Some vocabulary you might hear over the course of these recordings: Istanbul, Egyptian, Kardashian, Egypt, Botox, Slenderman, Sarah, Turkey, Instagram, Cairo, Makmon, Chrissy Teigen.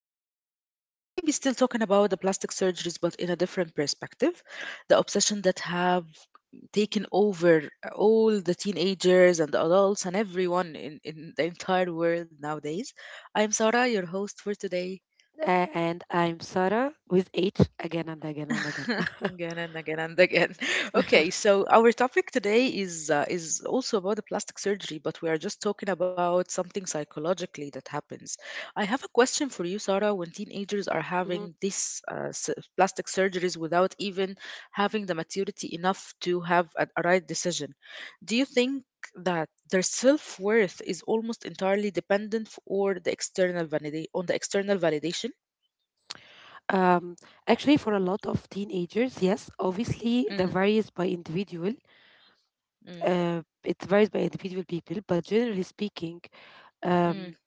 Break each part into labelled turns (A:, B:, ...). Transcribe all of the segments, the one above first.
A: We are maybe still talking about the plastic surgeries, but in a different perspective. The obsession that have taken over all the teenagers and the adults and everyone in the entire world nowadays. I'm Sarah, your host for today.
B: And I'm Sarah with H again and again and again.
A: Again and again and again. Okay, so our topic today is also about the plastic surgery, but we are just talking about something psychologically that happens. I have a question for you, Sarah. When teenagers are having
B: Mhm.
A: these plastic surgeries without even having the maturity enough to have a right decision, do you think that their self worth is almost entirely dependent f- or the external validate on the external validation?
B: Um, Actually, for a lot of teenagers, yes, obviously,
A: Mm,
B: that varies by individual.
A: mm,
B: It varies by individual people, but generally speaking,
A: mm,
B: um,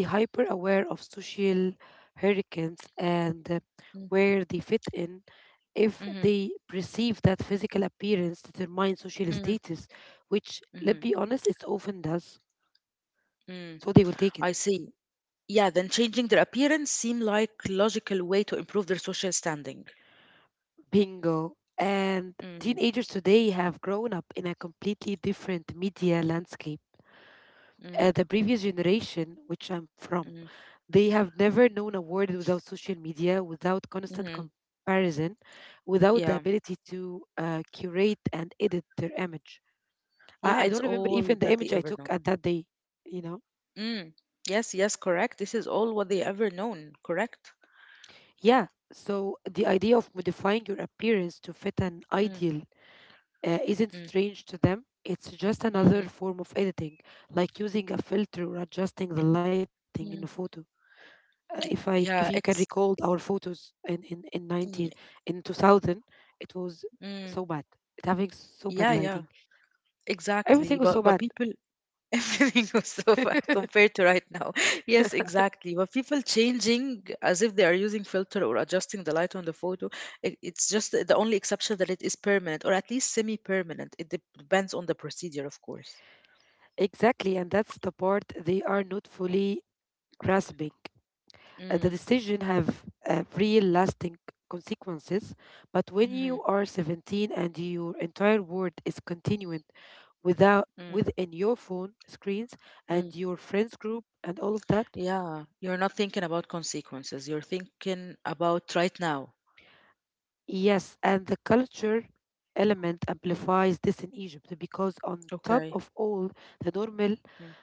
B: the hyper aware of social hurricanes and
A: mm,
B: where they fit in, if
A: mhm,
B: they perceive that physical appearance determines social
A: mm.
B: status, which,
A: Mhm.
B: let's be honest, it often does.
A: Mm,
B: So they will take
A: I
B: it.
A: see. Yeah, then changing their appearance seem like logical way to improve their social standing.
B: Bingo. And
A: Mm,
B: teenagers today have grown up in a completely different media landscape.
A: mm,
B: The previous generation, which I'm from,
A: mm,
B: they have never known a world without social media, without constant
A: mhm.
B: comparison, without the
A: Yeah,
B: ability to curate and edit their image.
A: yeah,
B: I
A: it's
B: don't remember
A: all
B: even the
A: that they
B: image I
A: ever
B: took
A: know.
B: at that day, you know?
A: Mm. Yes, yes, correct. This is all what they ever known, correct?
B: Yeah. So the idea of modifying your appearance to fit an
A: Mm,
B: ideal isn't
A: mm,
B: strange to them. It's just another
A: mm,
B: form of editing, like using a filter or adjusting the lighting in a
A: mm.
B: photo. If you can
A: Yeah,
B: recall
A: ex.
B: our photos in 90,
A: Yeah,
B: in 2000, it was
A: mm,
B: so bad. It having so bad
A: yeah, yeah,
B: lighting.
A: exactly.
B: Everything was
A: But
B: so
A: but
B: bad.
A: people. Everything was so far compared to right now. Yes, exactly. But people changing as if they are using filter or adjusting the light on the photo, it's just the only exception that it is permanent or at least semi-permanent. It depends on the procedure, of course.
B: Exactly, and that's the part they are not fully grasping. The
A: Mm,
B: decision have real lasting consequences, but when you
A: mhm,
B: are 17 and your entire world is continuing without
A: mm,
B: within your phone screens and
A: mm.
B: your friends group and all of that.
A: Yeah, you're not thinking about consequences. You're thinking about right now.
B: Yes, and the culture element
A: Mm,
B: amplifies this in Egypt, because on top
A: okay.
B: of all the normal
A: Mm,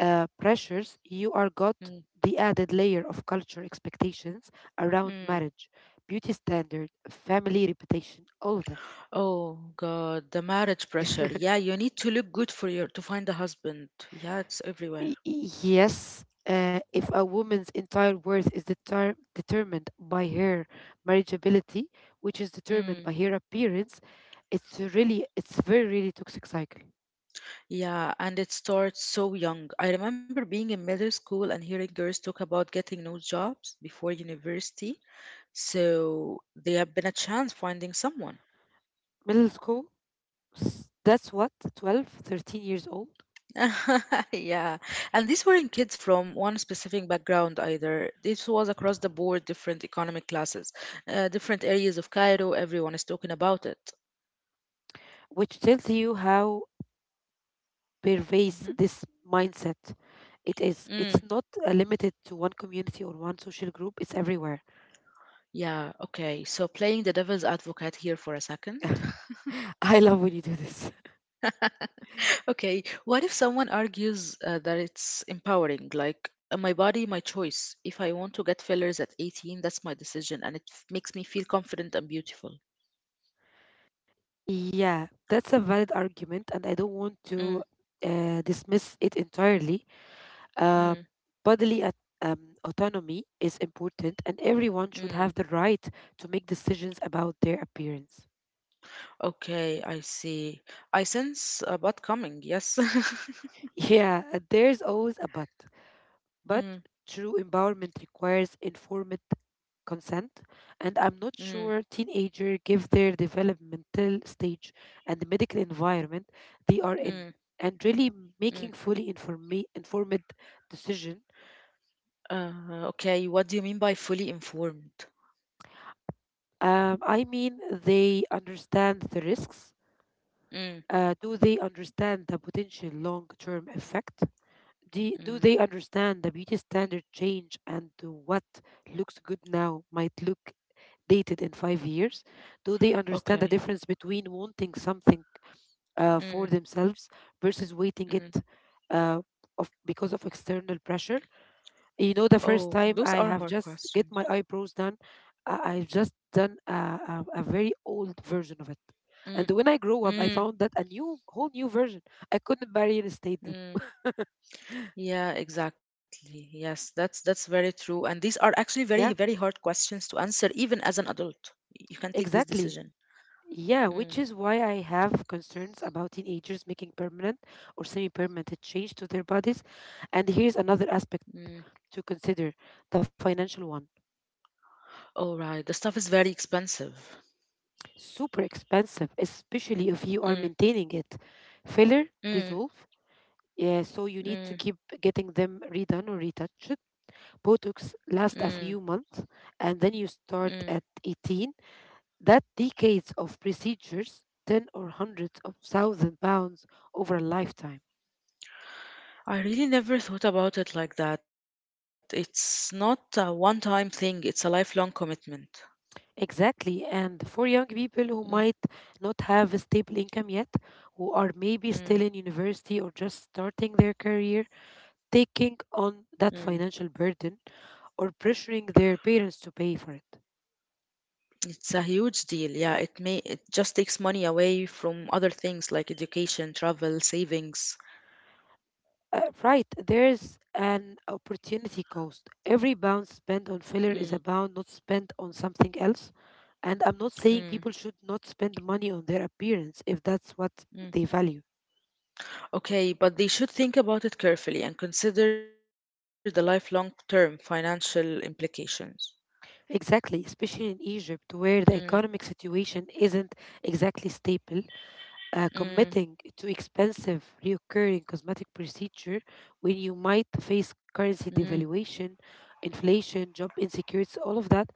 B: pressures you are got,
A: mm,
B: the added layer of culture expectations around
A: mm.
B: marriage, beauty standard, family reputation, all of that.
A: Oh God, the marriage pressure. Yeah, you need to look good for your to find a husband. Yeah, it's everywhere.
B: Yes, if a woman's entire worth is determined by her marriageability, which is determined
A: Mm,
B: by her appearance, it's it's a very, really toxic cycle.
A: yeah, and it starts so young. I remember being in middle school and hearing girls talk about getting no jobs before university, so they have been a chance finding someone.
B: Middle school, that's what, 12, 13 years old,
A: Yeah, and these weren't kids from one specific background either. This was across the board, different economic classes, different areas of Cairo. Everyone is talking about it.
B: which tells you how pervasive
A: Mhm.
B: this mindset it is. It's
A: Mm,
B: not limited to one community or one social group, it's everywhere.
A: yeah, okay. So playing the devil's advocate here for a second.
B: I love when you do this.
A: Okay, what if someone argues that it's empowering? Like, my body, my choice. If I want to get fillers at 18, that's my decision, and it makes me feel confident and beautiful.
B: Yeah, that's a valid argument, and I don't want to
A: Mm,
B: dismiss it entirely. Uh,
A: mm,
B: bodily autonomy is important, and everyone should
A: mm.
B: have the right to make decisions about their appearance.
A: Okay, I see. I sense a butt coming, yes.
B: Yeah, there's always a but. But
A: Mm,
B: true empowerment requires informed consent, and I'm not
A: mm,
B: sure teenager give their developmental stage and the medical environment they are in,
A: mm,
B: and really
A: mm.
B: making fully informed decision.
A: Okay, what do you mean by fully informed?
B: I mean, they understand the risks.
A: Mm,
B: Do they understand the potential long-term effect? Do
A: mm.
B: they understand the beauty standard change and what looks good now might look dated in 5 years? Do they understand the
A: Okay.
B: difference between wanting something for
A: Mm,
B: themselves versus waiting it
A: mm.
B: uh, of because of external pressure. You know, the first
A: Oh,
B: time
A: those
B: I
A: are
B: have
A: hard
B: just get
A: questions.
B: my eyebrows done, I've just done a very old version of it. And
A: Mm,
B: when I grow up, I found
A: mm,
B: that a new, whole new version. I couldn't barely restate them.
A: mm. Yeah, exactly. Yes, that's very true. And these are actually
B: Yeah,
A: very, very hard questions to answer, even as an adult. You can take this
B: exactly.
A: decision.
B: Yeah, which is
A: Mm,
B: why I have concerns about teenagers making permanent or semi-permanent change to their bodies. And here's another aspect
A: mm.
B: to consider, the financial one.
A: All right. The stuff is very expensive.
B: Super expensive, especially if you are
A: Mm,
B: maintaining it. Filler
A: mm,
B: dissolve, yeah, so you need to
A: mm,
B: keep getting them redone or retouched. Botox
A: mm,
B: lasts a few months, and then you start
A: mm.
B: at 18. That decades of procedures, 10 or hundreds of thousand pounds over a lifetime.
A: I really never thought about it like that. It's not a one-time thing, it's a lifelong commitment.
B: Exactly, and for young people
A: Mm,
B: who might not have a stable income yet, who are maybe
A: mm,
B: still in university or just starting their career, taking
A: mm.
B: on that financial burden or pressuring their parents to pay for it.
A: It's a huge deal. Yeah, it just takes money away from other things like education, travel, savings.
B: Right, there's an opportunity cost. Every pound spent
A: Mm.
B: on filler is a pound not spent on something else. And I'm not
A: Mm,
B: saying people should not spend money on their appearance if that's what
A: mm.
B: they value.
A: Okay, but they should think about it carefully and consider the lifelong-term financial implications.
B: Exactly, especially in Egypt,
A: Mm,
B: where the economic situation isn't exactly stable.
A: mm,
B: Committing to expensive recurring cosmetic procedure when you might
A: mm.
B: face currency devaluation, inflation, job insecurity, all of that.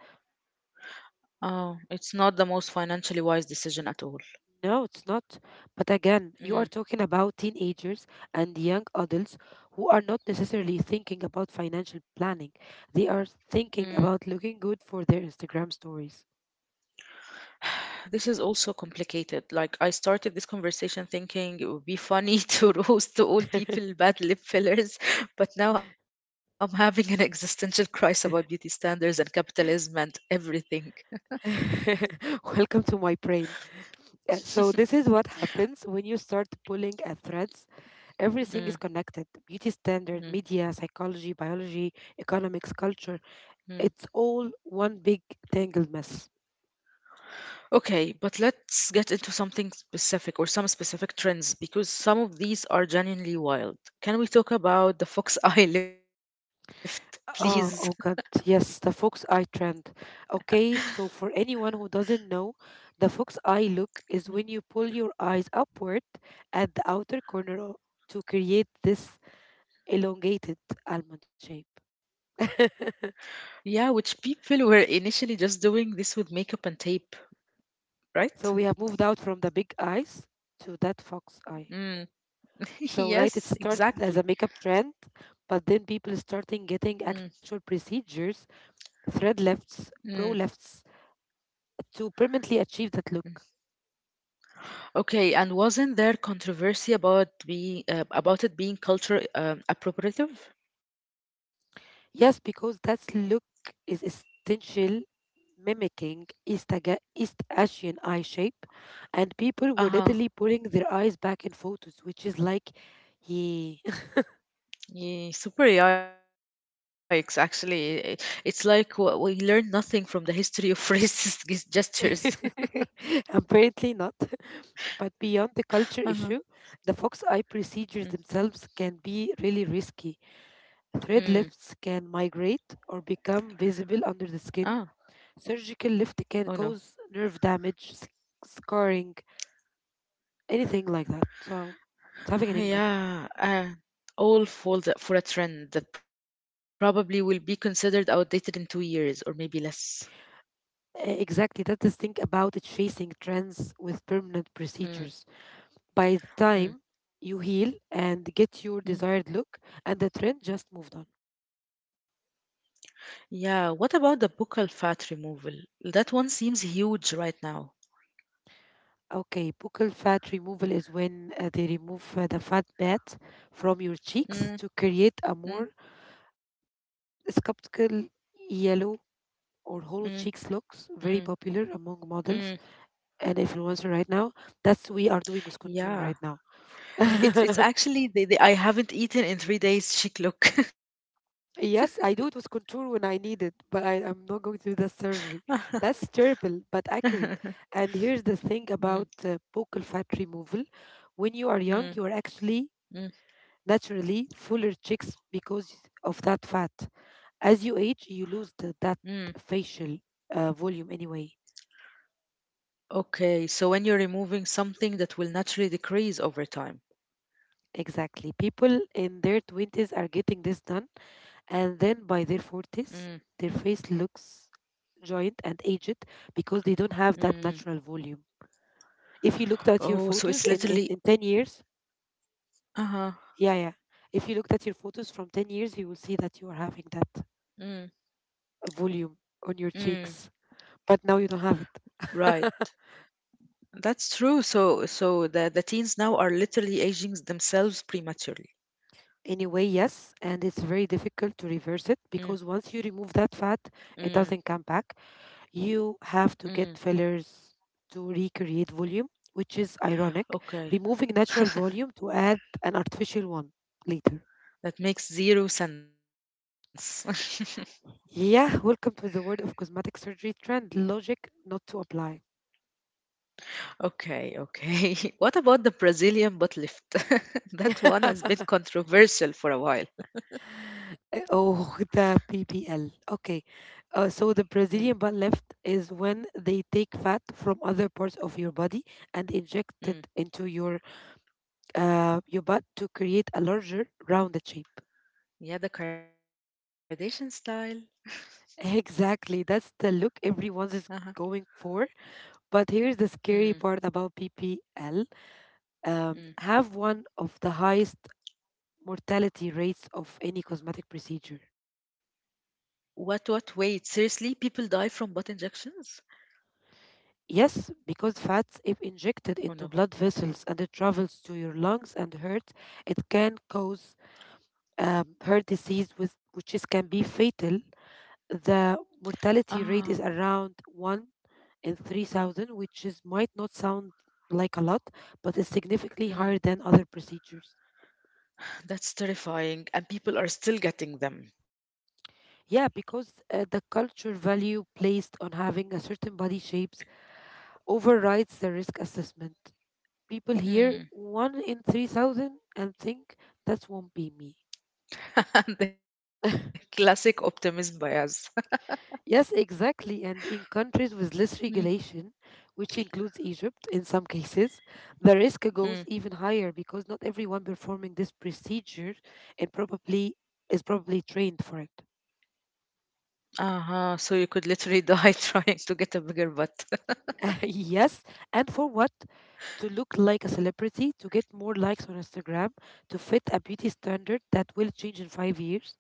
A: Oh, it's not the most financially wise decision at all.
B: No, it's not. But again,
A: Mm,
B: you are talking about teenagers and young adults who are not necessarily thinking about financial planning. They are
A: mm.
B: thinking about looking good for their Instagram stories.
A: This is also complicated. Like, I started this conversation thinking it would be funny to roast to all people bad lip fillers, but now I'm having an existential crisis about beauty standards and capitalism and everything.
B: Welcome to my brain. Uh, So, this is what happens when you start pulling at threads.
A: Mm,
B: Everything is connected: beauty standard,
A: mm,
B: media, psychology, biology, economics,
A: mm.
B: culture. It's all one big tangled mess.
A: Okay, but let's get into something specific or some specific trends because some of these are genuinely wild. Can we talk about the fox eye lift, please?
B: Oh, oh God, yes, the fox eye trend. Okay, so for anyone who doesn't know, the fox eye
A: Mm.
B: look is when you pull your eyes upward at the outer to create this elongated almond shape.
A: Yeah, which people were initially just doing this with makeup and tape, right?
B: So we have moved out from the big eyes to that fox
A: Mm.
B: eye. So,
A: Yes,
B: right, it
A: exactly.
B: started as a makeup trend, but then
A: Mm.
B: people starting getting actual procedures, thread
A: Mm.
B: lifts, pro lifts, to permanently
A: Mm.
B: achieve that look.
A: Okay, and wasn't there controversy about it being culture appropriative?
B: Yes, because that look is essential, mimicking East Asian eye shape, and
A: Uh-huh.
B: people were literally pulling their eyes back in photos, which is like, yeah.
A: Yeah, super yikes, actually. It's like we learn nothing from the history of racist gestures.
B: Apparently not. But beyond the
A: Uh-huh.
B: culture issue, the fox eye
A: Mm.
B: procedures themselves can be really risky. Thread
A: Mm.
B: lifts can migrate or become visible
A: Ah,
B: under the skin. Surgical
A: oh no.
B: lift can cause nerve damage, scarring, anything like that. So it's having an impact.
A: Yeah, all fall for a trend that probably will be considered outdated in 2 years or maybe less.
B: Exactly. That's the thing about chasing trends with permanent
A: Mm,
B: procedures. By the time
A: mm,
B: you heal and get your desired
A: mm.
B: look, and the trend just moved on.
A: Yeah, what about the buccal fat removal? That one seems huge right now.
B: Okay, buccal fat removal is when they remove the fat bat from your cheeks to
A: Mm,
B: create a more
A: mm,
B: sculptural yellow or
A: mm,
B: hollow cheeks looks
A: mm,
B: very popular among models
A: mm.
B: and influencers right now. That's we are doing with contour right now.
A: Yeah, it's actually the I haven't eaten in 3 days chic look.
B: Yes, I do it with contour when I need it, but I'm not going to do the surgery. That's terrible, but accurate. And here's the thing about
A: Mm,
B: buccal fat removal: when you are young, you are
A: mm,
B: actually
A: mm,
B: naturally fuller cheeks because of that fat. As you age, you lose
A: mm.
B: that facial volume anyway.
A: Okay, so when you're removing something that will naturally decrease over time.
B: Exactly. People in their 20s are getting this done, and then by their
A: Mm,
B: 40s, their face looks joint and aged because they don't have that
A: mm.
B: natural volume. If you looked at your
A: Oh, so
B: photos
A: it's literally.
B: in 10 years,
A: Uh-huh.
B: yeah, yeah. If you looked at your photos from 10 years, you will see that you are having that
A: Mm,
B: volume on your
A: mm.
B: cheeks, but now you don't have it.
A: Right. That's true. So the teens now are literally aging themselves prematurely.
B: Anyway, yes, and it's very difficult to
A: Mm,
B: reverse it because once you remove that fat,
A: mm,
B: it doesn't come back. You have
A: mm.
B: to get fillers to recreate volume, which is ironic,
A: Okay.
B: removing natural volume to add an artificial one later.
A: That makes zero sense.
B: Yeah, welcome to the world of cosmetic surgery trend. Logic not to apply.
A: Okay, okay. What about the Brazilian butt lift? That one has been controversial for a while.
B: Oh, the PBL. Okay. So
A: Mm,
B: the Brazilian butt lift is when they take fat from other parts of your body and inject it
A: mm.
B: into your butt to create a larger, rounded shape.
A: Yeah, the Kardashian style.
B: Exactly. That's the look everyone
A: Uh-huh.
B: is going for. But here's the
A: Mm,
B: scary part about BPL:
A: mm.
B: have one of the highest mortality rates of any cosmetic procedure.
A: What, what? Wait, seriously? People die from butt injections?
B: Yes, because fats, if injected
A: Oh
B: into
A: no.
B: blood vessels and it travels to your lungs and heart, it can cause heart disease, which is, can be fatal. The mortality
A: Ah,
B: rate is around 1 and 3,000, which is might not sound like a lot, but is significantly higher than
A: mm.
B: other procedures.
A: That's terrifying, and people are still getting them.
B: Yeah, because the culture value placed on having a certain body shapes overrides the risk assessment. People hear
A: Mm.
B: one in 3,000 and think that won't be me.
A: The classic optimism bias.
B: Yes, exactly. And in countries with less
A: Mm,
B: regulation, which includes Egypt in some cases, the risk goes even higher
A: mm.
B: because not everyone performing this procedure and probably is probably trained for it.
A: Uh-huh. So you could literally die trying to get a bigger butt.
B: Yes, and for what? To look like a celebrity, to get more likes on Instagram, to fit a beauty standard that will change in 5 years.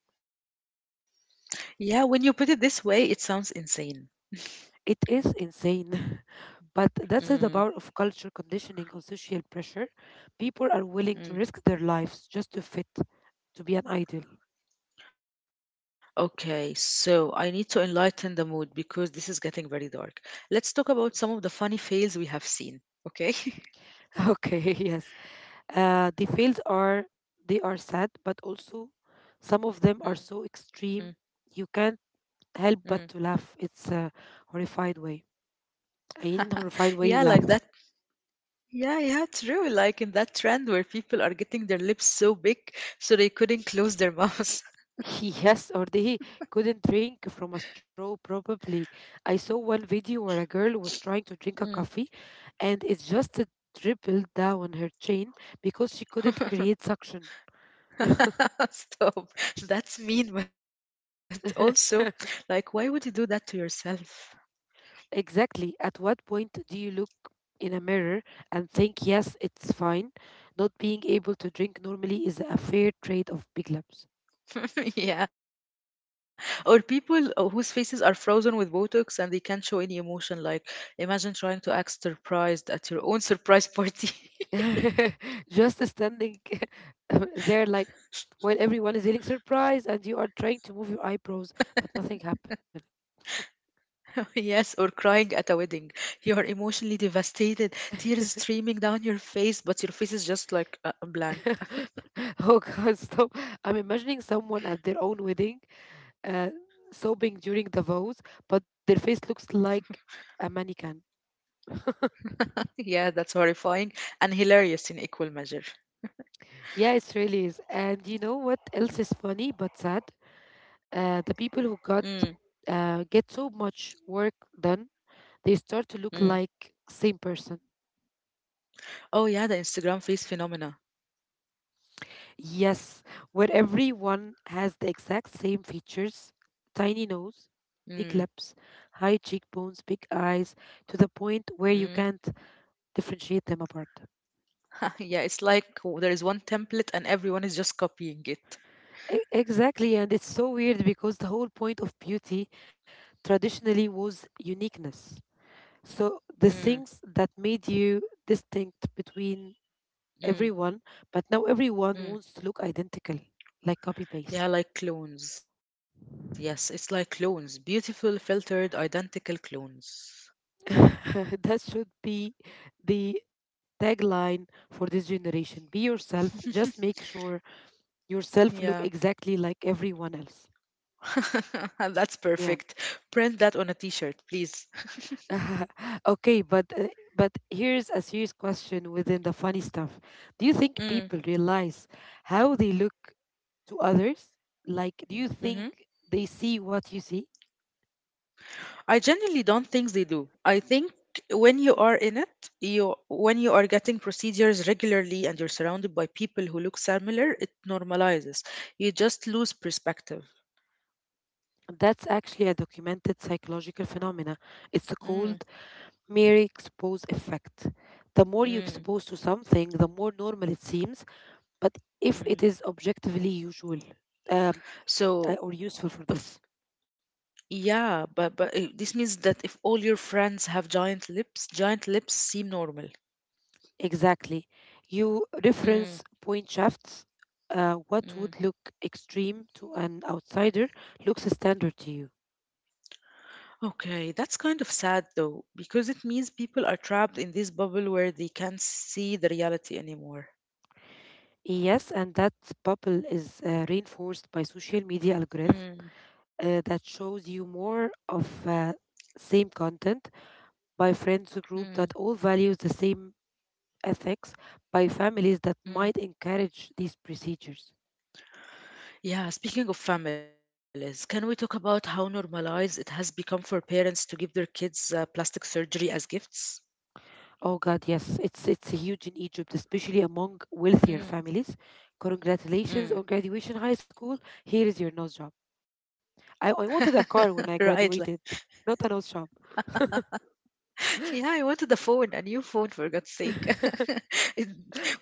A: Yeah, when you put it this way, it sounds insane.
B: It is insane. But that's the power of
A: Mm,
B: culture conditioning on social pressure. People are willing to risk their
A: mm.
B: lives just to fit, to be an idol.
A: Okay, so I need to enlighten the mood because this is getting very dark. Let's talk about some of the funny fails we have seen. Okay.
B: Okay, yes. The fails are they are sad, but also some of them are so extreme
A: Mm,
B: you can't help but to
A: mm.
B: laugh. It's a horrified way. I in a horrified way you laugh.
A: Yeah, like that. Yeah, yeah, true. Like in that trend where people are getting their lips so big so they couldn't close their mouths.
B: Yes, or they couldn't drink from a straw, probably. I saw one video where a girl was trying to drink a coffee
A: Mm.
B: and it just dribbled down her chin because she couldn't create suction.
A: Stop. That's mean, but also, like, why would you do that to yourself?
B: Exactly. At what point do you look in a mirror and think, yes, it's fine? Not being able to drink normally is a fair trade of big labs.
A: Yeah, or people whose faces are frozen with Botox and they can't show any emotion. Like, imagine trying to act surprised at your own surprise party.
B: Just standing there like while everyone is eating surprise and you are trying to move your eyebrows, but nothing happened.
A: Yes, or crying at a wedding. You are emotionally devastated, tears streaming down your face, but your face is just like blank.
B: Oh god, stop. I'm imagining someone at their own wedding, uh, sobbing during the vows, but their face looks like a mannequin.
A: Yeah, that's horrifying and hilarious in equal measure.
B: Yeah, it really is. And you know what else is funny but sad? The
A: Mm,
B: people who got Get so much work done they start to
A: mm.
B: look like same person.
A: Oh yeah, the Instagram face phenomena.
B: Yes, where everyone has the exact same features: tiny nose,
A: Mm,
B: big lips, high cheekbones, big eyes, to the point where you
A: mm.
B: can't differentiate them apart.
A: Yeah, it's like there is one template and everyone is just copying it.
B: Exactly, and it's so weird because the whole point of beauty traditionally was uniqueness.
A: Mm.
B: So the things that made you distinct between
A: Mm,
B: everyone, but now
A: mm.
B: everyone wants to look identical, like copy
A: Yeah,
B: paste.
A: like clones. Yes, it's like clones. Beautiful, filtered, identical clones.
B: That should be the tagline for this generation: be yourself, just make sure yourself
A: Yeah.
B: look exactly like everyone else.
A: That's
B: Yeah.
A: perfect. Print that on a t-shirt, please.
B: Okay, but here's a serious question within the funny stuff. Do you think
A: Mm,
B: people realize how they look to others? Like, do you
A: hmm
B: think they see what you see?
A: I genuinely don't think they do. I think when you are in it, you when you are getting procedures regularly and you're surrounded by people who look similar, it normalizes. You just lose perspective.
B: That's actually a documented psychological phenomena. It's called
A: Mm,
B: mere expose effect. The more you
A: mm,
B: expose to something, the more normal it seems. But if it is
A: mm.
B: objectively usual, um, or
A: So,
B: useful for this,
A: yeah, but this means that if all your friends have giant lips seem normal.
B: exactly, you reference
A: Mm,
B: point shafts. What would
A: mm.
B: look extreme to an outsider looks standard to you.
A: Okay, that's kind of sad though, because it means people are trapped in this bubble where they can't see the reality anymore.
B: Yes, and that bubble is reinforced by social media algorithm
A: Mm,
B: that shows you more of same content by friends group that all
A: mm,
B: values the same ethics, by families that might
A: mm.
B: encourage these procedures.
A: Yeah, speaking of families, can we talk about how normalized it has become for parents to give their kids plastic surgery as gifts?
B: Oh God, yes, it's huge in Egypt, especially among wealthier families.
A: Mm,
B: Congratulations on graduation
A: mm.
B: high school. Here is your nose job. I wanted a car when I graduated,
A: Right, like.
B: not a nose job.
A: Yeah, I wanted a phone, a new phone for God's sake. It-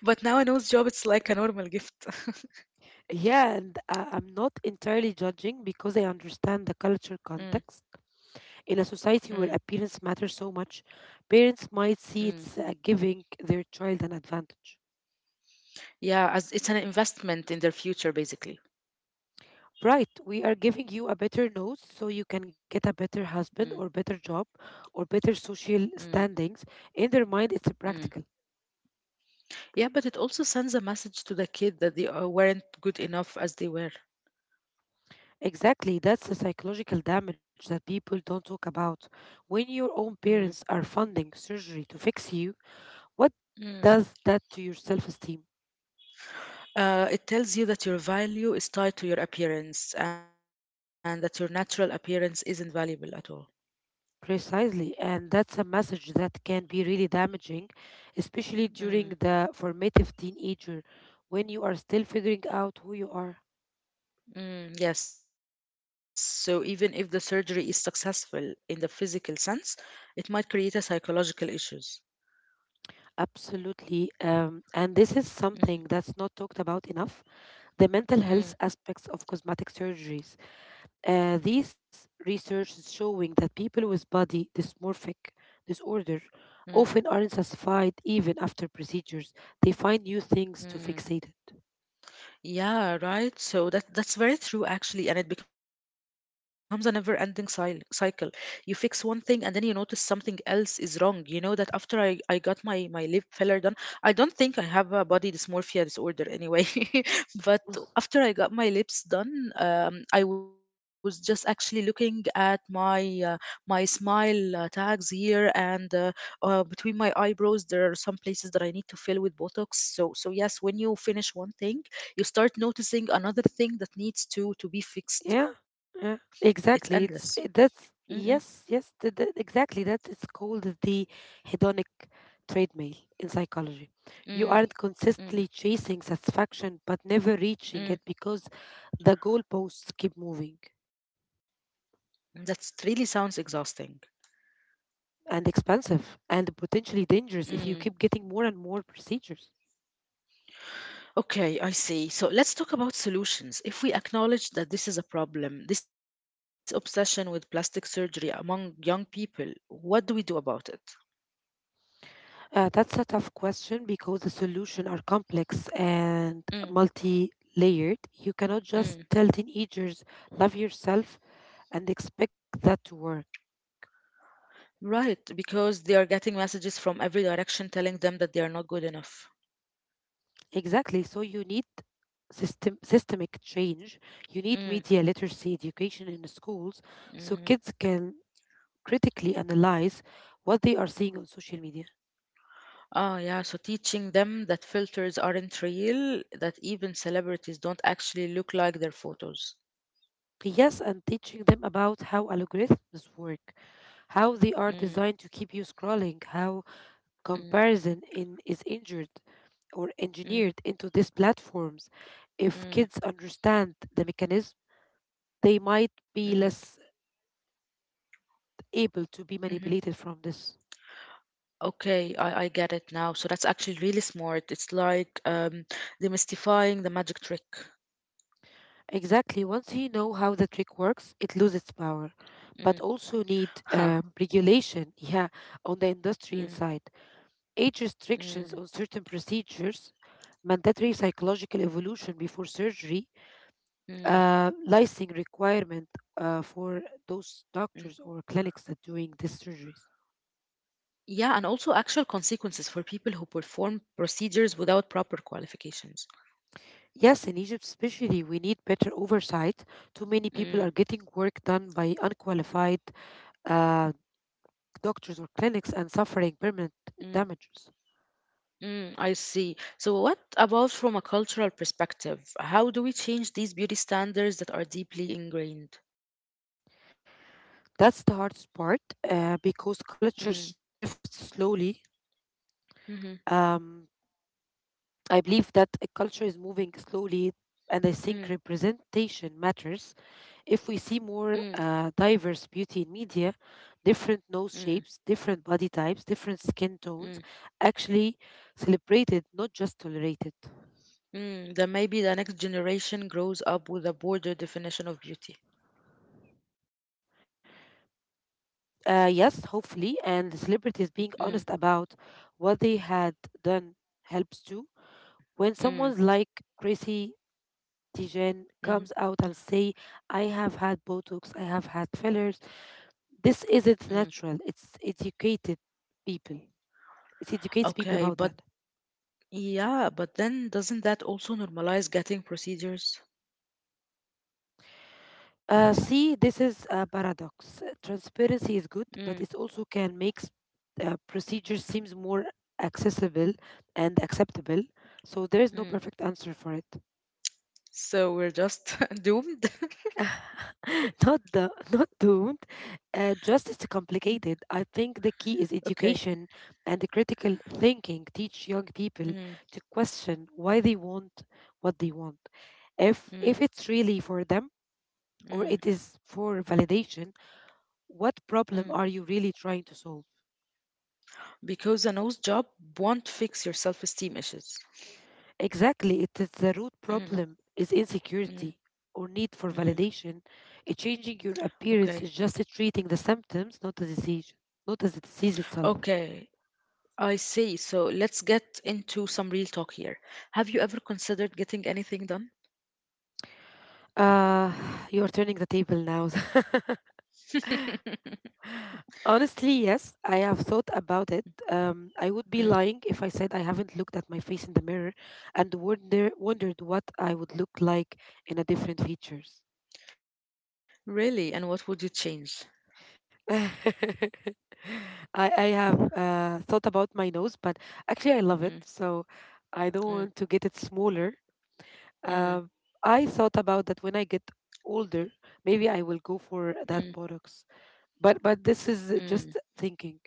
A: but now a nose job, it's like a normal gift.
B: Yeah, and I'm not entirely judging because I understand the cultural
A: Mm,
B: context. In a society where
A: mm,
B: appearance matters so much, parents might see it's
A: mm.
B: giving their child an advantage.
A: Yeah, as it's an investment in their future, basically.
B: Right, we are giving you a better nose so you can get a better husband or better
A: Mm,
B: job or better social standings.
A: mm,
B: In their mind, it's practical.
A: mm. Yeah, but it also sends a message to the kid that they weren't good enough as they were.
B: Exactly, that's the psychological damage that people don't talk about. When your own parents are
A: Mm,
B: funding surgery to fix you, what does that to your
A: mm.
B: self esteem?
A: It tells you that your value is tied to your appearance and that your natural appearance isn't valuable at all.
B: Precisely, and that's a message that can be really damaging, especially during the
A: Mm.
B: formative teenager when you are still figuring out who you are.
A: Mm, yes, so even if the surgery is successful in the physical sense, it might create a psychological issues.
B: Absolutely. And this is something
A: Mm,
B: that's not talked about enough: the mental health
A: mm,
B: aspects of cosmetic surgeries. These research is showing that people with body dysmorphic disorder
A: mm,
B: often aren't satisfied even after procedures. They find new things to
A: mm.
B: fixate it.
A: Yeah, right. So that's very true actually, and it becomes a never-ending cy cycle. You fix one thing and then you notice something else is wrong. You know that after I got my lip filler done, I don't think I have a body dysmorphia disorder anyway. But after I got my lips done, I was just actually looking at my smile tags here and between my eyebrows there are some places that I need to fill with Botox. So yes, when you finish one thing you start noticing another thing that needs to be fixed.
B: Yeah,
A: It's
B: yeah,
A: endless.
B: exactly. It's
A: Mm-mm,
B: it- that's yes, yes, th- th- exactly. That it's called the hedonic treadmill in psychology.
A: mm,
B: You aren't
A: mm,
B: consistently chasing satisfaction, but never
A: mm.
B: reaching it because the goalposts keep moving
A: That really sounds exhausting.
B: and expensive and potentially dangerous
A: Mm.
B: if you keep getting more and more procedures.
A: Okay, I see. So let's talk about solutions. If we acknowledge that this is a problem, this obsession with plastic surgery among young people, what do we do about it?
B: That's a tough question because the solutions are complex and
A: Mm,
B: multi layered. You cannot just
A: mm.
B: tell teenagers, love yourself, and expect that to work.
A: Right, because they are getting messages from every direction telling them that they are not good enough.
B: Exactly. So you need systemic change. You need
A: Mm,
B: media literacy education in schools
A: mm.
B: so kids can critically analyze what they are seeing on social media.
A: Ah, yeah. So teaching them that filters aren't real, that even celebrities don't actually look like their photos.
B: Yes, and teaching them about how algorithms work, how they
A: Mm,
B: are designed to keep you scrolling, how
A: mm,
B: comparison in is injured or
A: mm,
B: engineered into these platforms. If
A: mm,
B: kids understand the mechanism, they
A: mm,
B: might be less able to be
A: mhm.
B: manipulated from this.
A: Okay, I get it now. So that's actually really smart. It's like demystifying the magic trick.
B: Exactly. Once you know how the trick works, it loses its power,
A: Mm.
B: but also need regulation. Yeah, on the
A: Mm,
B: industry inside, age restrictions
A: mm,
B: on certain procedures, mandatory psychological evolution before surgery,
A: mm,
B: licensing requirement for
A: mm.
B: those doctors or clinics that doing these surgeries.
A: Yeah, and also actual consequences for people who perform procedures without proper qualifications.
B: Yes, in Egypt especially, we need better oversight. Too many people are
A: Mm,
B: getting work done by unqualified uh, doctors or clinics and suffering permanent
A: mm,
B: damages.
A: Mm, I see. So, what about from a cultural perspective? How do we change these beauty standards that are deeply ingrained?
B: That's the hardest part because
A: Mm,
B: culture shifts slowly.
A: mm-hmm,
B: Um, I believe that a culture is moving slowly, and I think
A: mm,
B: representation matters. If we
A: mm,
B: see more diverse beauty in media, different
A: mm,
B: nose shapes, different body types, different skin
A: mm,
B: tones, actually celebrated, not just tolerated.
A: mm. Then maybe the next generation grows up with a broader definition of beauty.
B: Yes, hopefully, and the celebrities
A: Mm,
B: being honest about what they had done helps too. When
A: mm,
B: someone's like Chrissy Teigen comes
A: mm,
B: out and say, "I have had Botox, I have had fillers," this
A: mm.
B: isn't natural. It's educated people. It educates
A: Okay,
B: people
A: but
B: about that.
A: yeah, but then doesn't that also normalize getting procedures?
B: See, this is a paradox. Transparency is
A: Mm,
B: good, but it also procedures seems more accessible and acceptable. So there is no
A: mm.
B: perfect answer for it.
A: So we're just doomed?
B: not the not doomed. Justice is
A: Mm.
B: complicated. I think the key is
A: Okay.
B: education and the critical thinking. Teach young people
A: Mm,
B: to question why they want what they want, if
A: mm,
B: it's really for them or it
A: mm,
B: is for validation.
A: mm.
B: What problem are you really trying to solve?
A: Because a nose job won't fix your self-esteem issues.
B: Exactly, it is the root
A: Mm,
B: problem is
A: mm,
B: insecurity or need for
A: mm.
B: validation. Changing
A: Okay.
B: your appearance is just treating the symptoms, not the disease, not as the disease itself.
A: Okay. I see. So let's get into some real talk here. Have you ever considered getting anything done?
B: Uh, you're turning the table now. Honestly, yes, I have thought about it. I would be
A: Mm.
B: lying if I said I haven't looked at my face in the mirror and wondered what I would look like in a different features.
A: Really? And what would you change?
B: I I have thought about my nose, but actually I love
A: Mm,
B: it, so I don't
A: mm,
B: want to get it smaller.
A: mm,
B: Um, I thought about that when I get older, maybe I will go
A: mm,
B: for that botox. But this
A: mm.
B: is just thinking.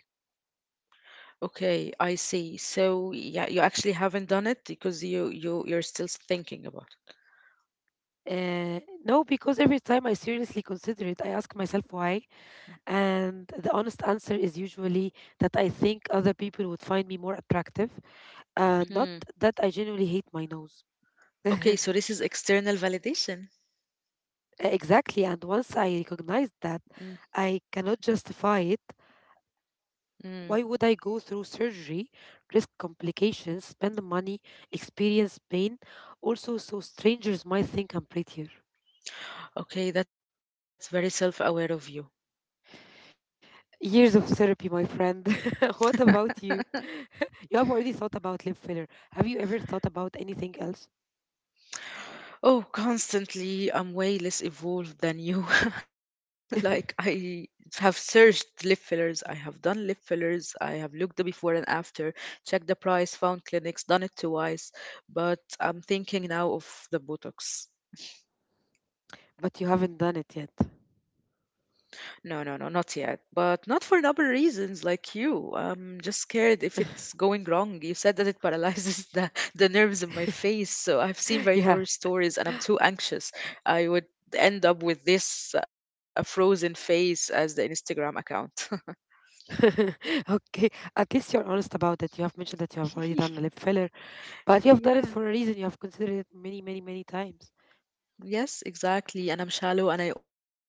A: Okay, I see. So yeah, you actually haven't done it because you're still thinking about
B: uh, no, because every time I seriously consider it, I ask myself why, and the honest answer is usually that I think other people would find me more attractive,
A: it.
B: not
A: Hmm.
B: that I genuinely hate my nose.
A: Okay, so this is external validation.
B: Exactly, and once I
A: Mm,
B: recognize that, I cannot justify it.
A: mm.
B: Why would I go through surgery, risk complications, spend the money, experience pain, also so strangers might think I'm prettier?
A: Okay, that's very self aware of you.
B: Years of therapy, my friend. What about you? You have already thought about lip filler. Have you ever thought about anything else?
A: Oh, constantly. I'm way less evolved than you. like, I have searched lip fillers. I have done lip fillers. I have looked the before and after, checked the price, found clinics, done it twice. But I'm thinking now of the Botox.
B: But you haven't done it yet.
A: No, no, no, not yet. But not for noble reasons like you. I'm just scared if it's going wrong. You said that it paralyzes the, the nerves in my face. So I've seen
B: Yeah.
A: very horror stories and I'm too anxious. I would end up with this frozen face as the Instagram account.
B: Okay. At least you're honest about it. You have mentioned that you have already done a lip filler, but you have done it
A: yeah.
B: for a reason. You have considered it many, many, many times.
A: Yes, exactly. And I'm shallow and I own it.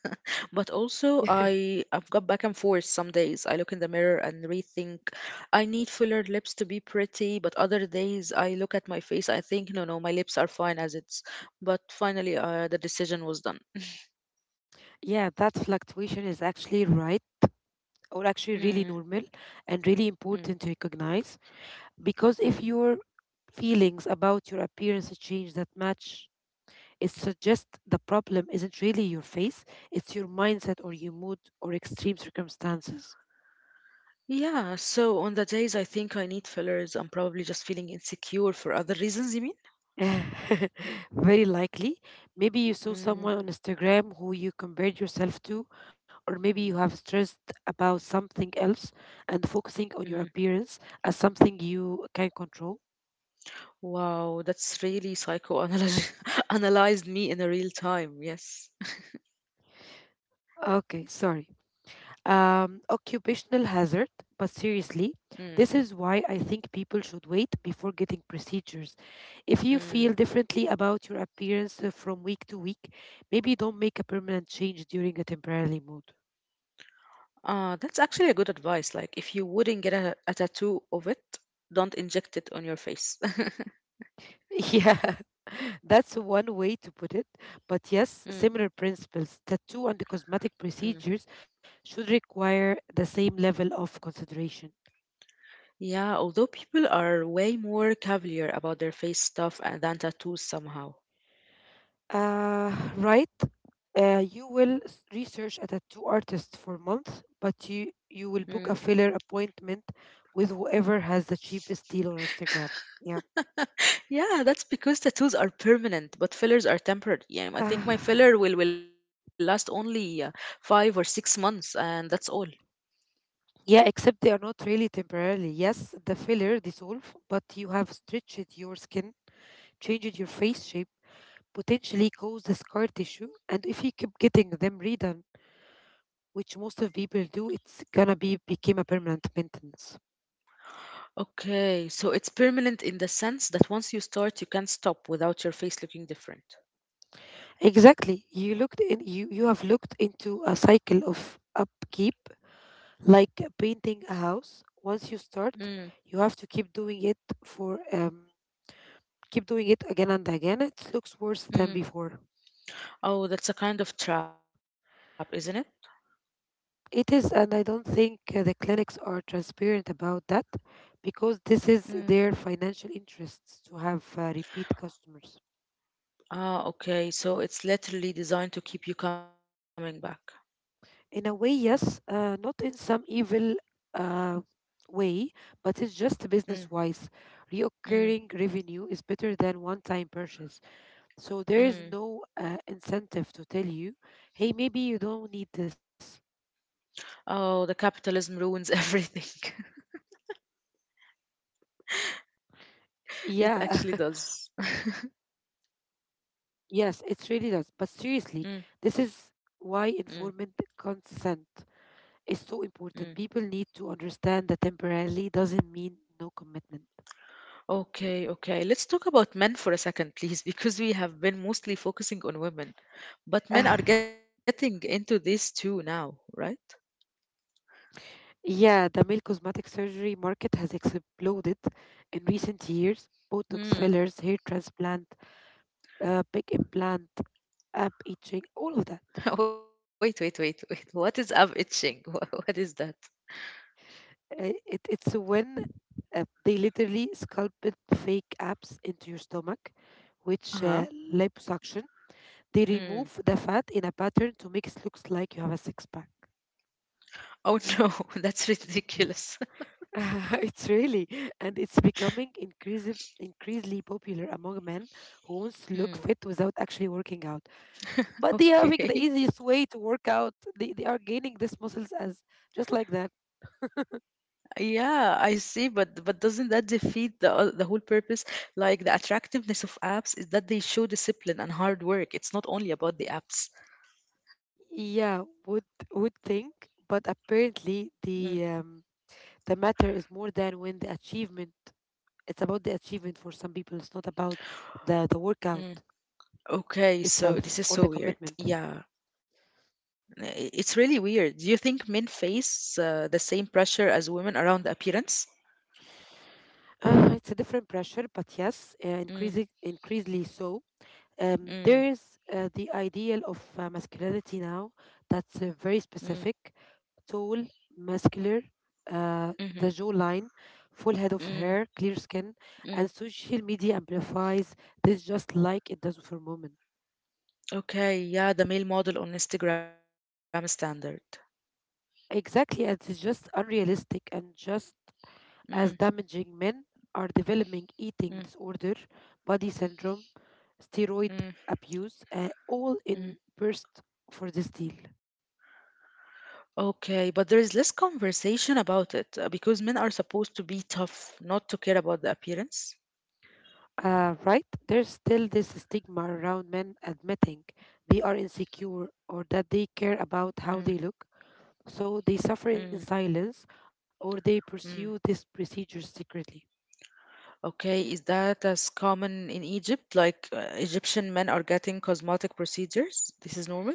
A: But also, I've got back and forth some days. I look in the mirror and rethink. I need fuller lips to be pretty, but other days I look at my face. I think, no, no, my lips are fine as it's. But finally, the decision was done.
B: Yeah, that fluctuation is actually right or
A: Mm,
B: actually really normal and really
A: mm,
B: important to recognize because if
A: mm.
B: your feelings about your appearance change that match, it suggests the problem isn't really your face, it's your mindset or your mood or extreme circumstances.
A: Yeah. So on the days I think I need fillers, I'm probably just feeling insecure for other reasons. You mean?
B: Very likely. Maybe you saw
A: Mm,
B: someone on Instagram who you compared yourself to, or maybe you have stressed about something else and focusing on
A: mm.
B: your appearance as something you can control.
A: Wow, that's really psychoanalyzed analyzed me in a real time. Yes.
B: Okay, sorry. Occupational hazard, but seriously,
A: Mm,
B: this is why I think people should wait before getting procedures. If you
A: mm.
B: feel differently about your appearance from week to week, maybe don't make a permanent change during a temporary mood.
A: That's actually a good advice. Like, if you wouldn't get a tattoo of it, don't inject it on your face.
B: Yeah, that's one way to put it. But yes,
A: Mm,
B: similar principles, tattoo and the
A: mm.
B: cosmetic procedures should require the same level of consideration.
A: Yeah, although people are way more cavalier about their face stuff and than tattoos somehow.
B: Uh, right. You will research a tattoo artist for months, but
A: Mm.
B: you will book a filler appointment with whoever has the cheapest deal on Instagram. Yeah.
A: Yeah, that's because tattoos are permanent, but fillers are temporary. Yeah, I think my
B: Ah,
A: filler will last only 5 or 6 months, and that's all.
B: yeah, except they are not really temporarily. Yes, the filler dissolve, but you have stretched your skin, changed your face shape, potentially caused the scar tissue, and if you keep getting them redone, which most of people do, it's gonna be became a permanent maintenance.
A: Okay, so it's permanent in the sense that once you start, you can't stop without your face looking different.
B: Exactly. You have looked into a cycle of upkeep like painting a house. Once you
A: Mm,
B: start, you have to keep doing it for keep doing it again and again. It looks worse than
A: mm.
B: before.
A: Oh, that's a kind of trap, isn't it?
B: It is, and I don't think the clinics are transparent about that because this
A: Mm.
B: is their financial interests to have repeat customers.
A: Ah, okay. So it's literally designed to keep you coming back.
B: In a way, yes, not in some evil uh, way, but it's just
A: Mm,
B: business wise.
A: mm,
B: Reoccurring revenue is better than one time purchase. So there is
A: mm.
B: no incentive to tell you, hey, maybe you don't need this.
A: Oh, the capitalism ruins everything.
B: Yeah,
A: It actually does.
B: yes, it really does. But seriously, this
A: Mm,
B: is why
A: mm,
B: informed consent is so
A: mm.
B: important. People need to understand that temporarily doesn't mean no commitment.
A: Okay, okay. Let's talk about men for a second, please, because we have been mostly focusing on women. But men are getting into this too now, right?
B: Yeah, the male cosmetic surgery market has exploded in recent years. Botox, fillers,
A: Hmm.
B: hair transplant, big implant, ab etching, all of that.
A: Wait, wait, wait, wait. What is ab itching? What is that?
B: It's when they literally sculpted fake abs into your stomach, which
A: Uh-huh.
B: liposuction. They remove the
A: Mm.
B: fat in a pattern to make it looks like you have a six pack.
A: Oh no, that's ridiculous.
B: It's really, and it's becoming increasingly popular among men who wants to look fit without actually working out. But they are having the
A: Okay.
B: easiest way to work out. They are gaining these muscles as just like that.
A: Yeah, I see, but doesn't that defeat the whole purpose? Like the attractiveness of apps is that they show discipline and hard work. It's not only about the apps.
B: Yeah, would think, but apparently
A: Mm,
B: the matter is more than when the achievement. It's about the achievement for some people. It's not about the workout
A: mm. Okay, so
B: itself
A: this is
B: or the
A: so weird.
B: commitment.
A: Yeah, it's really weird. Do you think men face the same pressure as women around appearance?
B: It's a different pressure, but yes,
A: Mm,
B: increasingly so.
A: mm,
B: There is the ideal of masculinity now that's
A: mm,
B: very specific, tall, muscular, uh,
A: mhm,
B: the jawline, full head of
A: mm,
B: hair, clear skin,
A: mm.
B: and social media amplifies this just like it does for women.
A: Okay, yeah, the male model on Instagram standard.
B: Exactly, and it's just unrealistic and just
A: Mm,
B: as damaging. Men are developing
A: mm,
B: eating disorder, body syndrome, steroid
A: mm,
B: abuse, all
A: mm.
B: in burst for this deal.
A: Okay, but there is less conversation about it because men are supposed to be tough, not to care about the appearance.
B: Right? There's still this stigma around men admitting they are insecure or that they care
A: Mm,
B: about how they look, so they
A: mm,
B: suffer in silence or they
A: mm.
B: pursue this procedure secretly.
A: Okay, is that as common in Egypt? Like Egyptian men are getting cosmetic procedures? This is normal?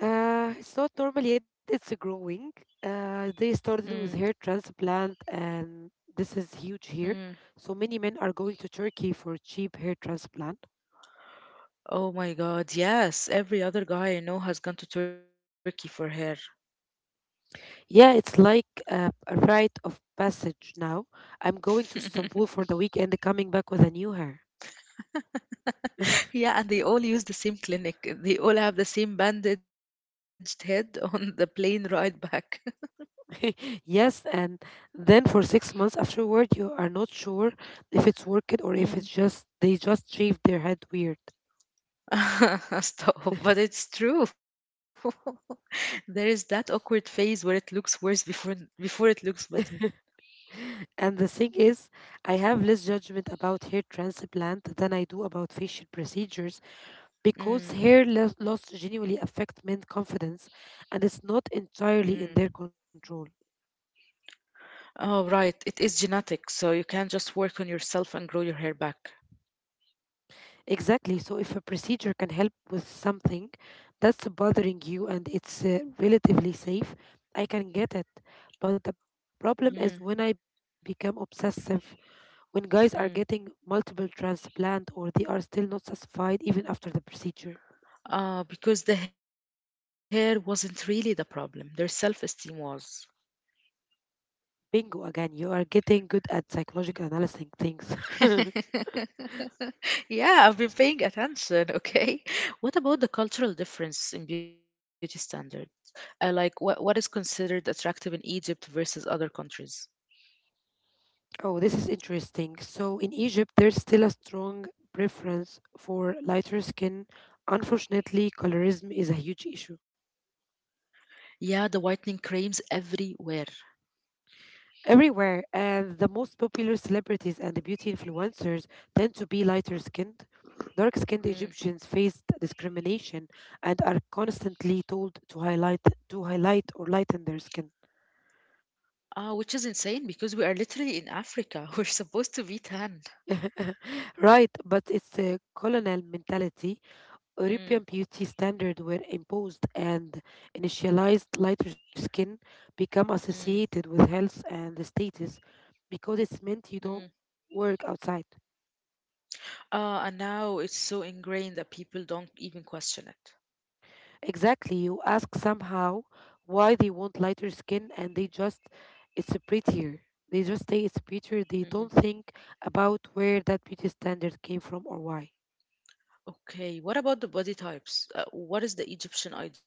B: It's not normal yet, it's growing. They started
A: Mm,
B: with hair transplant, and this is huge
A: mm.
B: here. So many men are going to Turkey for cheap hair transplant.
A: Oh my God, yes. Every other guy I know has gone to Turkey for hair.
B: Yeah, it's like a rite of passage now. I'm going to Istanbul for the weekend, coming back with a new hair.
A: Yeah, and they all use the same clinic. They all have the same bandaged head on the plane ride back.
B: Yes, and then for 6 months afterward, you are not sure if it's worked or if it's just they just shaved their head weird.
A: Stop, but it's true. There is that awkward phase where it looks worse before it looks better.
B: And the thing is, I have less judgment about hair transplant than I do about facial procedures
A: Mm,
B: because loss genuinely affect men's confidence and it's not
A: mm.
B: entirely in their control.
A: Oh, right. It is genetic, so you can just work on yourself and grow your hair back.
B: Exactly. So if a procedure can help with something that's bothering you and it's relatively safe, I can get it. But the problem is when
A: Mm,
B: I become obsessive, when guys are getting
A: mm.
B: multiple transplant or they are still not satisfied even after the procedure.
A: Because the hair wasn't really the problem. Their self-esteem was.
B: Bingo, again, you are getting good at psychological analyzing things.
A: yeah, I've been paying attention. Okay. What about the cultural difference in beauty standards? Like, what is considered attractive in Egypt versus other countries?
B: Oh, this is interesting. So in Egypt, there's still a strong preference for lighter skin. Unfortunately, colorism is a huge issue.
A: Yeah, the whitening creams everywhere.
B: Everywhere. And the most popular celebrities and the beauty influencers tend to be lighter skinned. Dark skinned
A: Mm.
B: Egyptians faced discrimination and are constantly told to highlight, to highlight or lighten their skin.
A: Ah, which is insane because we are literally in Africa. We're supposed to be tan.
B: Right, but it's a colonial mentality.
A: Mm,
B: European beauty standards were imposed and initialized lighter skin,
A: mm,
B: become associated with health and status because it's
A: mm.
B: meant you don't work outside.
A: And now it's so ingrained that people don't even question it.
B: Exactly. You ask somehow why they want lighter skin and it's prettier. They just say it's
A: Mm.
B: prettier. They don't think about where that beauty standard came from or why.
A: Okay, what about the body types? What is the Egyptian ideal?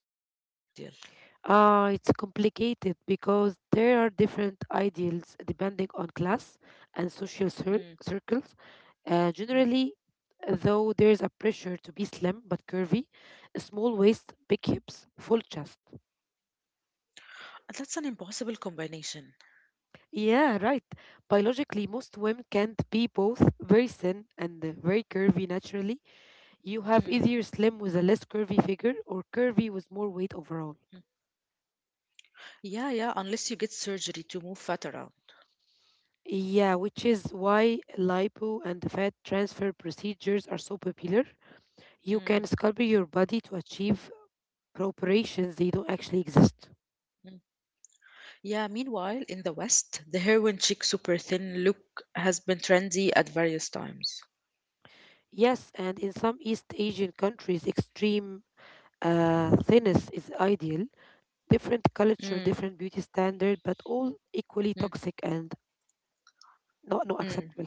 B: Ah, it's complicated because there are different ideals depending on class and social
A: Mm,
B: circles.
A: mm.
B: Generally, though, there's a pressure to be slim but curvy, a small waist, big hips, full chest.
A: That's an impossible combination.
B: Yeah, right. Biologically, most women can't be both very thin and very curvy naturally. You
A: Mm,
B: have either slim with a less curvy figure or curvy with
A: mm.
B: more weight overall.
A: Yeah, yeah, unless you get surgery to move fat around.
B: Yeah, which is why lipo and the fat transfer procedures are so popular. You
A: Mm,
B: can sculpt your body to achieve proportions they don't actually
A: mm.
B: exist.
A: Yeah, meanwhile, in the West, the heroin chic super thin look has been trendy at various times.
B: Yes, and in some East Asian countries, extreme thinness is ideal. Different
A: Mm,
B: culture, different beauty standard, but all equally
A: mm,
B: toxic and not no
A: mm.
B: acceptable.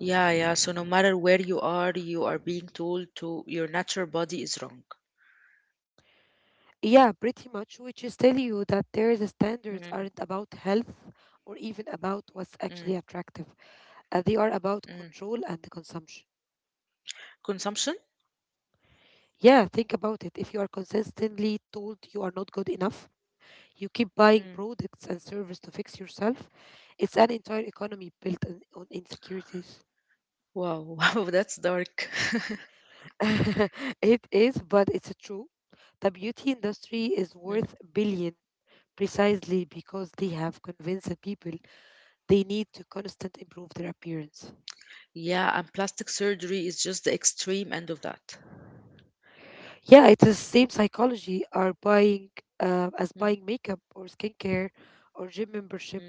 A: Yeah, yeah, so no matter where you are being told to your natural body is wrong.
B: Yeah, pretty much, which is tell you that
A: Mm,
B: their standards aren't about health or even
A: mm,
B: about what's actually attractive. They are
A: mm.
B: about control and consumption.
A: Consumption?
B: Yeah, think about it. If you are consistently told you are not good enough, you keep
A: Mm.
B: buying products and services to fix yourself. It's an entire economy built on insecurities.
A: Wow, wow, that's dark.
B: It is, but it's true. The beauty
A: Mm,
B: industry is worth billion precisely
A: mm.
B: because they have convinced the people they need to constantly improve their appearance.
A: Yeah, and plastic surgery is just the extreme end of that.
B: Yeah, it is same psychology are buying
A: Mm,
B: as buying makeup or skincare or gym
A: mm,
B: membership.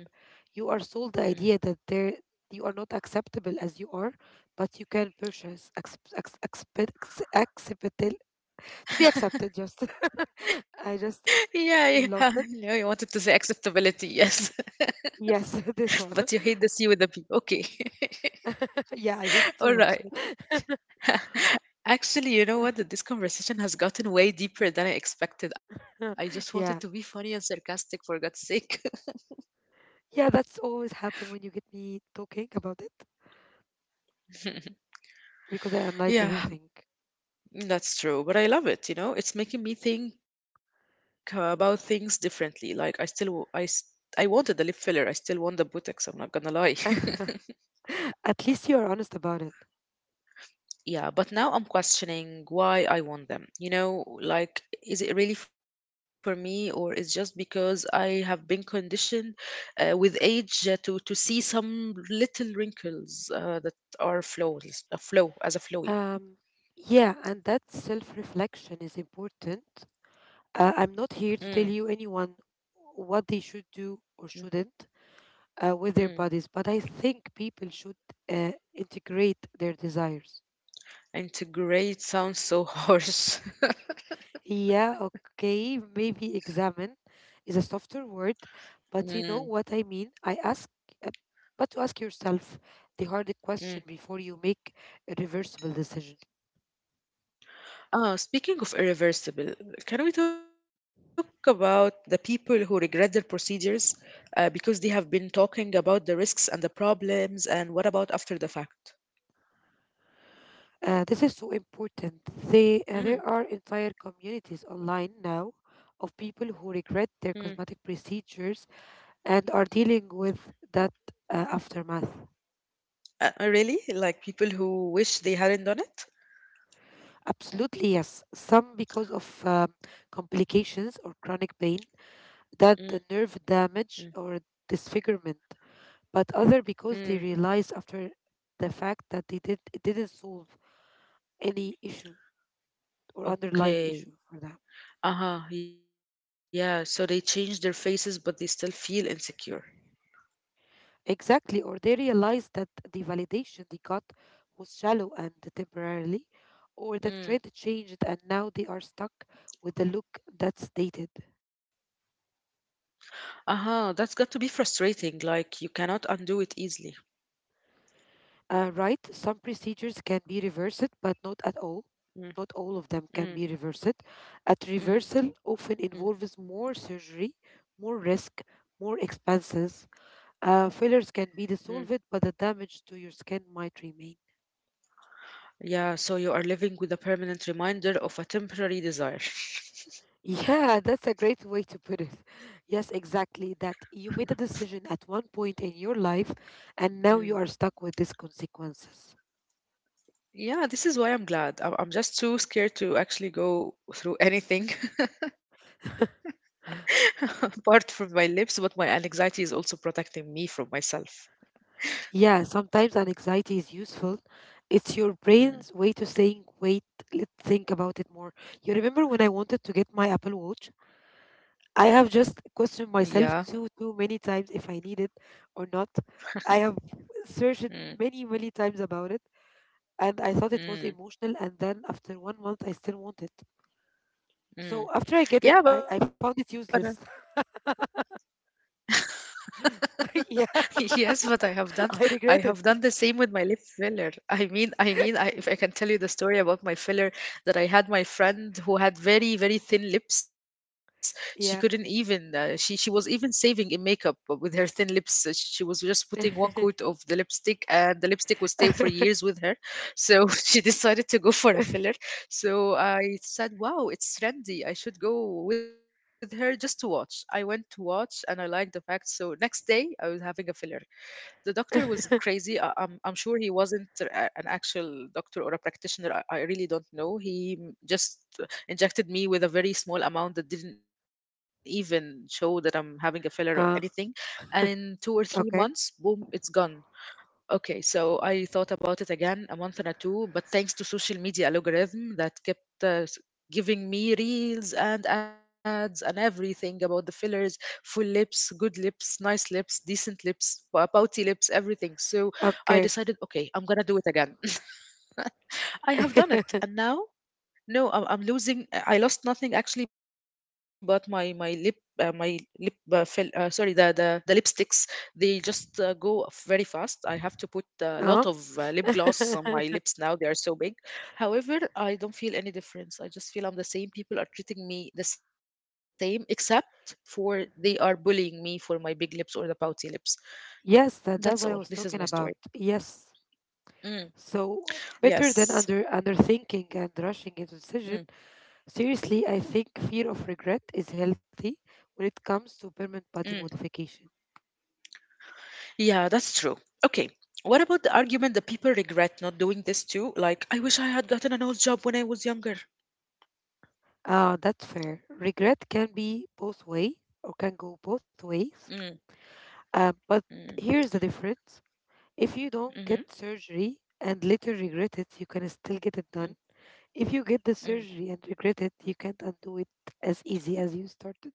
B: You are sold the
A: mm.
B: idea that there you are not acceptable as you are, but you can purchase accept, accept, accept, to be accepted. Just I just
A: Yeah,
B: lost
A: yeah.
B: it.
A: No, you wanted to say acceptability, yes.
B: Yes, this one.
A: But you hate the C with the B. Okay.
B: Yeah, I hate it so
A: All
B: much.
A: right. Actually, you know what? This conversation has gotten way deeper than I expected. I just wanted to be
B: Yeah.
A: funny and sarcastic, for God's sake.
B: Yeah, that's always happen when you get me talking about it because I
A: Yeah,
B: analyze everything.
A: that's true. But I love it, you know? It's making me think about things differently. Like, I still, w- I, s- I wanted the lip filler. I still want the Botox. I'm not gonna lie.
B: At least you are honest about it.
A: Yeah, but now I'm questioning why I want them. You know, like, is it really for me, or is just because I have been conditioned with age to see some little wrinkles that are flawless, a flow as a flowy.
B: Um, yeah, and that self-reflection is important.
A: Mm,
B: I'm not here to tell you anyone what they should
A: mm,
B: do or shouldn't
A: mm.
B: with their bodies, but I think people should integrate their desires.
A: Integrate sounds so harsh.
B: Yeah, okay, maybe examine is a softer word,
A: Mm,
B: but you know what I mean. I ask, uh, but To ask yourself the hard
A: mm.
B: question before you make a reversible decision.
A: Speaking of irreversible, can we talk about the people who regret their procedures because they have been talking about the risks and the problems, and what about after the fact?
B: This is so important. There
A: Mm,
B: are entire communities online now of people who
A: mm.
B: regret their cosmetic procedures and are dealing with that aftermath.
A: Really? Like people who wish they hadn't done it?
B: Absolutely, yes. Some because of complications or chronic pain,
A: Mm,
B: that the nerve
A: mm,
B: damage or disfigurement, but other because they
A: mm.
B: realize after the fact that they did it didn't solve any issue or underlying issue for them.
A: Okay. Uh-huh. Yeah. So they change their faces, but they still feel insecure.
B: Exactly, or they realize that the validation they got was shallow and temporarily, or the trend changed and
A: Mm.
B: now they are stuck with the look that's dated.
A: Uh-huh. That's got to be frustrating. Like you cannot undo it easily.
B: Right, some procedures can be reversed, but not at all. Not all
A: Mm,
B: of them can be reversed.
A: mm,
B: At reversal often
A: mm,
B: involves more surgery, more risk, more expenses. Failures can be dissolved,
A: mm.
B: but the damage to your skin might remain.
A: Yeah, so you are living with a permanent reminder of a temporary desire.
B: Yeah, that's a great way to put it. Yes, exactly. That you made a decision at one point in your life, and now you are
A: Mm.
B: stuck with these consequences.
A: Yeah, this is why I'm glad. I'm just too scared to actually go through anything apart from my lips, but my anxiety is also protecting me from myself.
B: Yeah, sometimes an anxiety is useful. It's your brain's way to
A: Mm.
B: saying, wait, let's think about it more. You remember when I wanted to get my Apple Watch? I have just questioned
A: Yeah.
B: myself too many times if I need it or not. I have searched
A: Mm.
B: many, many times about it, and I thought it was emotional.
A: Mm.
B: And then after 1 month, I still want it. So after I get
A: Mm.
B: it, I found it
A: Yeah, but
B: useless. Yeah,
A: Yes, but I have done
B: I regret
A: I
B: it.
A: have done the same with my lip filler. I mean, if I can tell you the story about my filler that I had my friend who had very very thin lips. She couldn't
B: Yeah.
A: even she was even saving in makeup with her thin lips. She was just putting one coat of the lipstick and the lipstick would stay for years with her. So she decided to go for a filler so I said, wow, it's trendy. I should go with her just to watch. I went to watch and I liked the fact. So next day I was having a filler. The doctor was crazy. I'm sure he wasn't an actual doctor or a practitioner. I really don't know. He just injected me with a very small amount that didn't even show that I'm having a filler or
B: Ah,
A: anything. And in two or three
B: okay.
A: months, boom, it's gone. Okay, so I thought about it again a month and a two, but thanks to social media algorithm that kept giving me reels and ads and everything about the fillers, full lips, good lips, nice lips, decent lips, pouty lips, everything. So
B: Okay.
A: I decided, okay, I'm gonna do it again. I have done it, and now no, I'm losing. I lost nothing actually, but my lip fell. Sorry, the lipsticks they just go very fast. I have to put a
B: Uh-huh.
A: lot of lip gloss on my lips now. They are so big. However, I don't feel any difference. I just feel I'm the same. People are treating me the same, except for they are bullying me for my big lips or the pouty lips.
B: Yes, that's what I
A: That's
B: was
A: all. This
B: talking
A: is my
B: about.
A: story.
B: Yes.
A: Mm,
B: So better than
A: yes.
B: underthinking and rushing into decision.
A: Mm,
B: Seriously, I think fear of regret is healthy when it comes to permanent body
A: mm.
B: modification.
A: Yeah, that's true. Okay. What about the argument that people regret not doing this too? Like, I wish I had gotten an old job when I was younger.
B: That's fair. Regret can be both way or can go both ways.
A: Mm,
B: But
A: mm,
B: here's the difference. If you don't get
A: hmm
B: surgery and later regret it, you can still get it done.
A: mm,
B: If you get the surgery and regret
A: mm.
B: it, you can't undo it as easy as you started.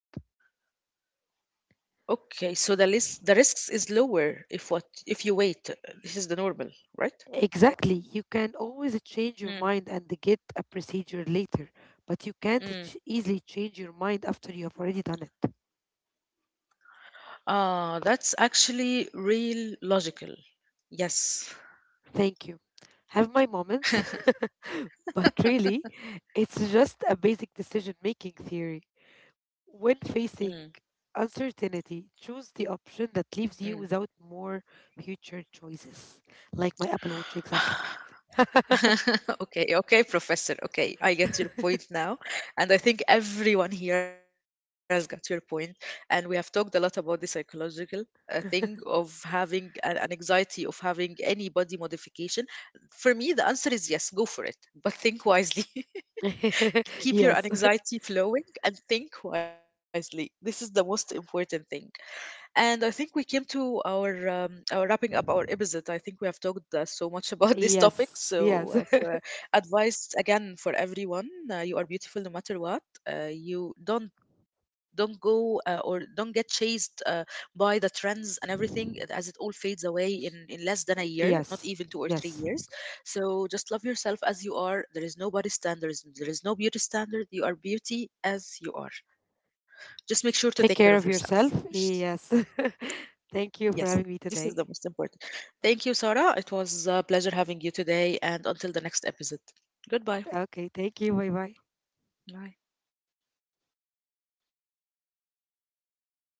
A: Okay, so the risks is lower if you wait. This is the normal, right?
B: Exactly. You can always change your mind and
A: Mm,
B: get a procedure later, but you can't ch- easily
A: mm.
B: change your mind after you have already done it.
A: Ah, that's actually real logical. Yes.
B: Thank you. Have my moments, but really, it's just a basic decision making theory. When
A: Mm,
B: facing uncertainty, choose the option that leaves you
A: mm.
B: without more future choices, like my Apple Watch, exactly.
A: okay, okay, Professor. Okay, I get your point now. And I think everyone here has got your point. And we have talked a lot about the psychological thing of having an anxiety of having any body modification. For me, the answer is yes, go for it. But think wisely.
B: Yes,
A: Keep your anxiety flowing and think wisely. This is the most important thing. And I think we came to our wrapping up our episode. I think we have talked so much about this
B: yes,
A: topic.
B: yes,
A: So, for advice again for everyone: you are beautiful no matter what. You don't go or don't get chased by the trends and everything, as it all fades away in in less than a
B: yes,
A: year, not even
B: yes.
A: 2 or 3 years. So just love yourself as you are. There is no body standard. There is no beauty standard. You are beauty as you are. Just make
B: Take
A: sure to
B: care of
A: take care of
B: yourself.
A: yourself.
B: Yes. Thank you for having me
A: Yes,
B: today.
A: this is the most important. Thank you, Sarah. It was a pleasure having you today, and until the next episode.
B: Okay. Thank
A: Goodbye.
B: you. Bye bye.
A: Bye.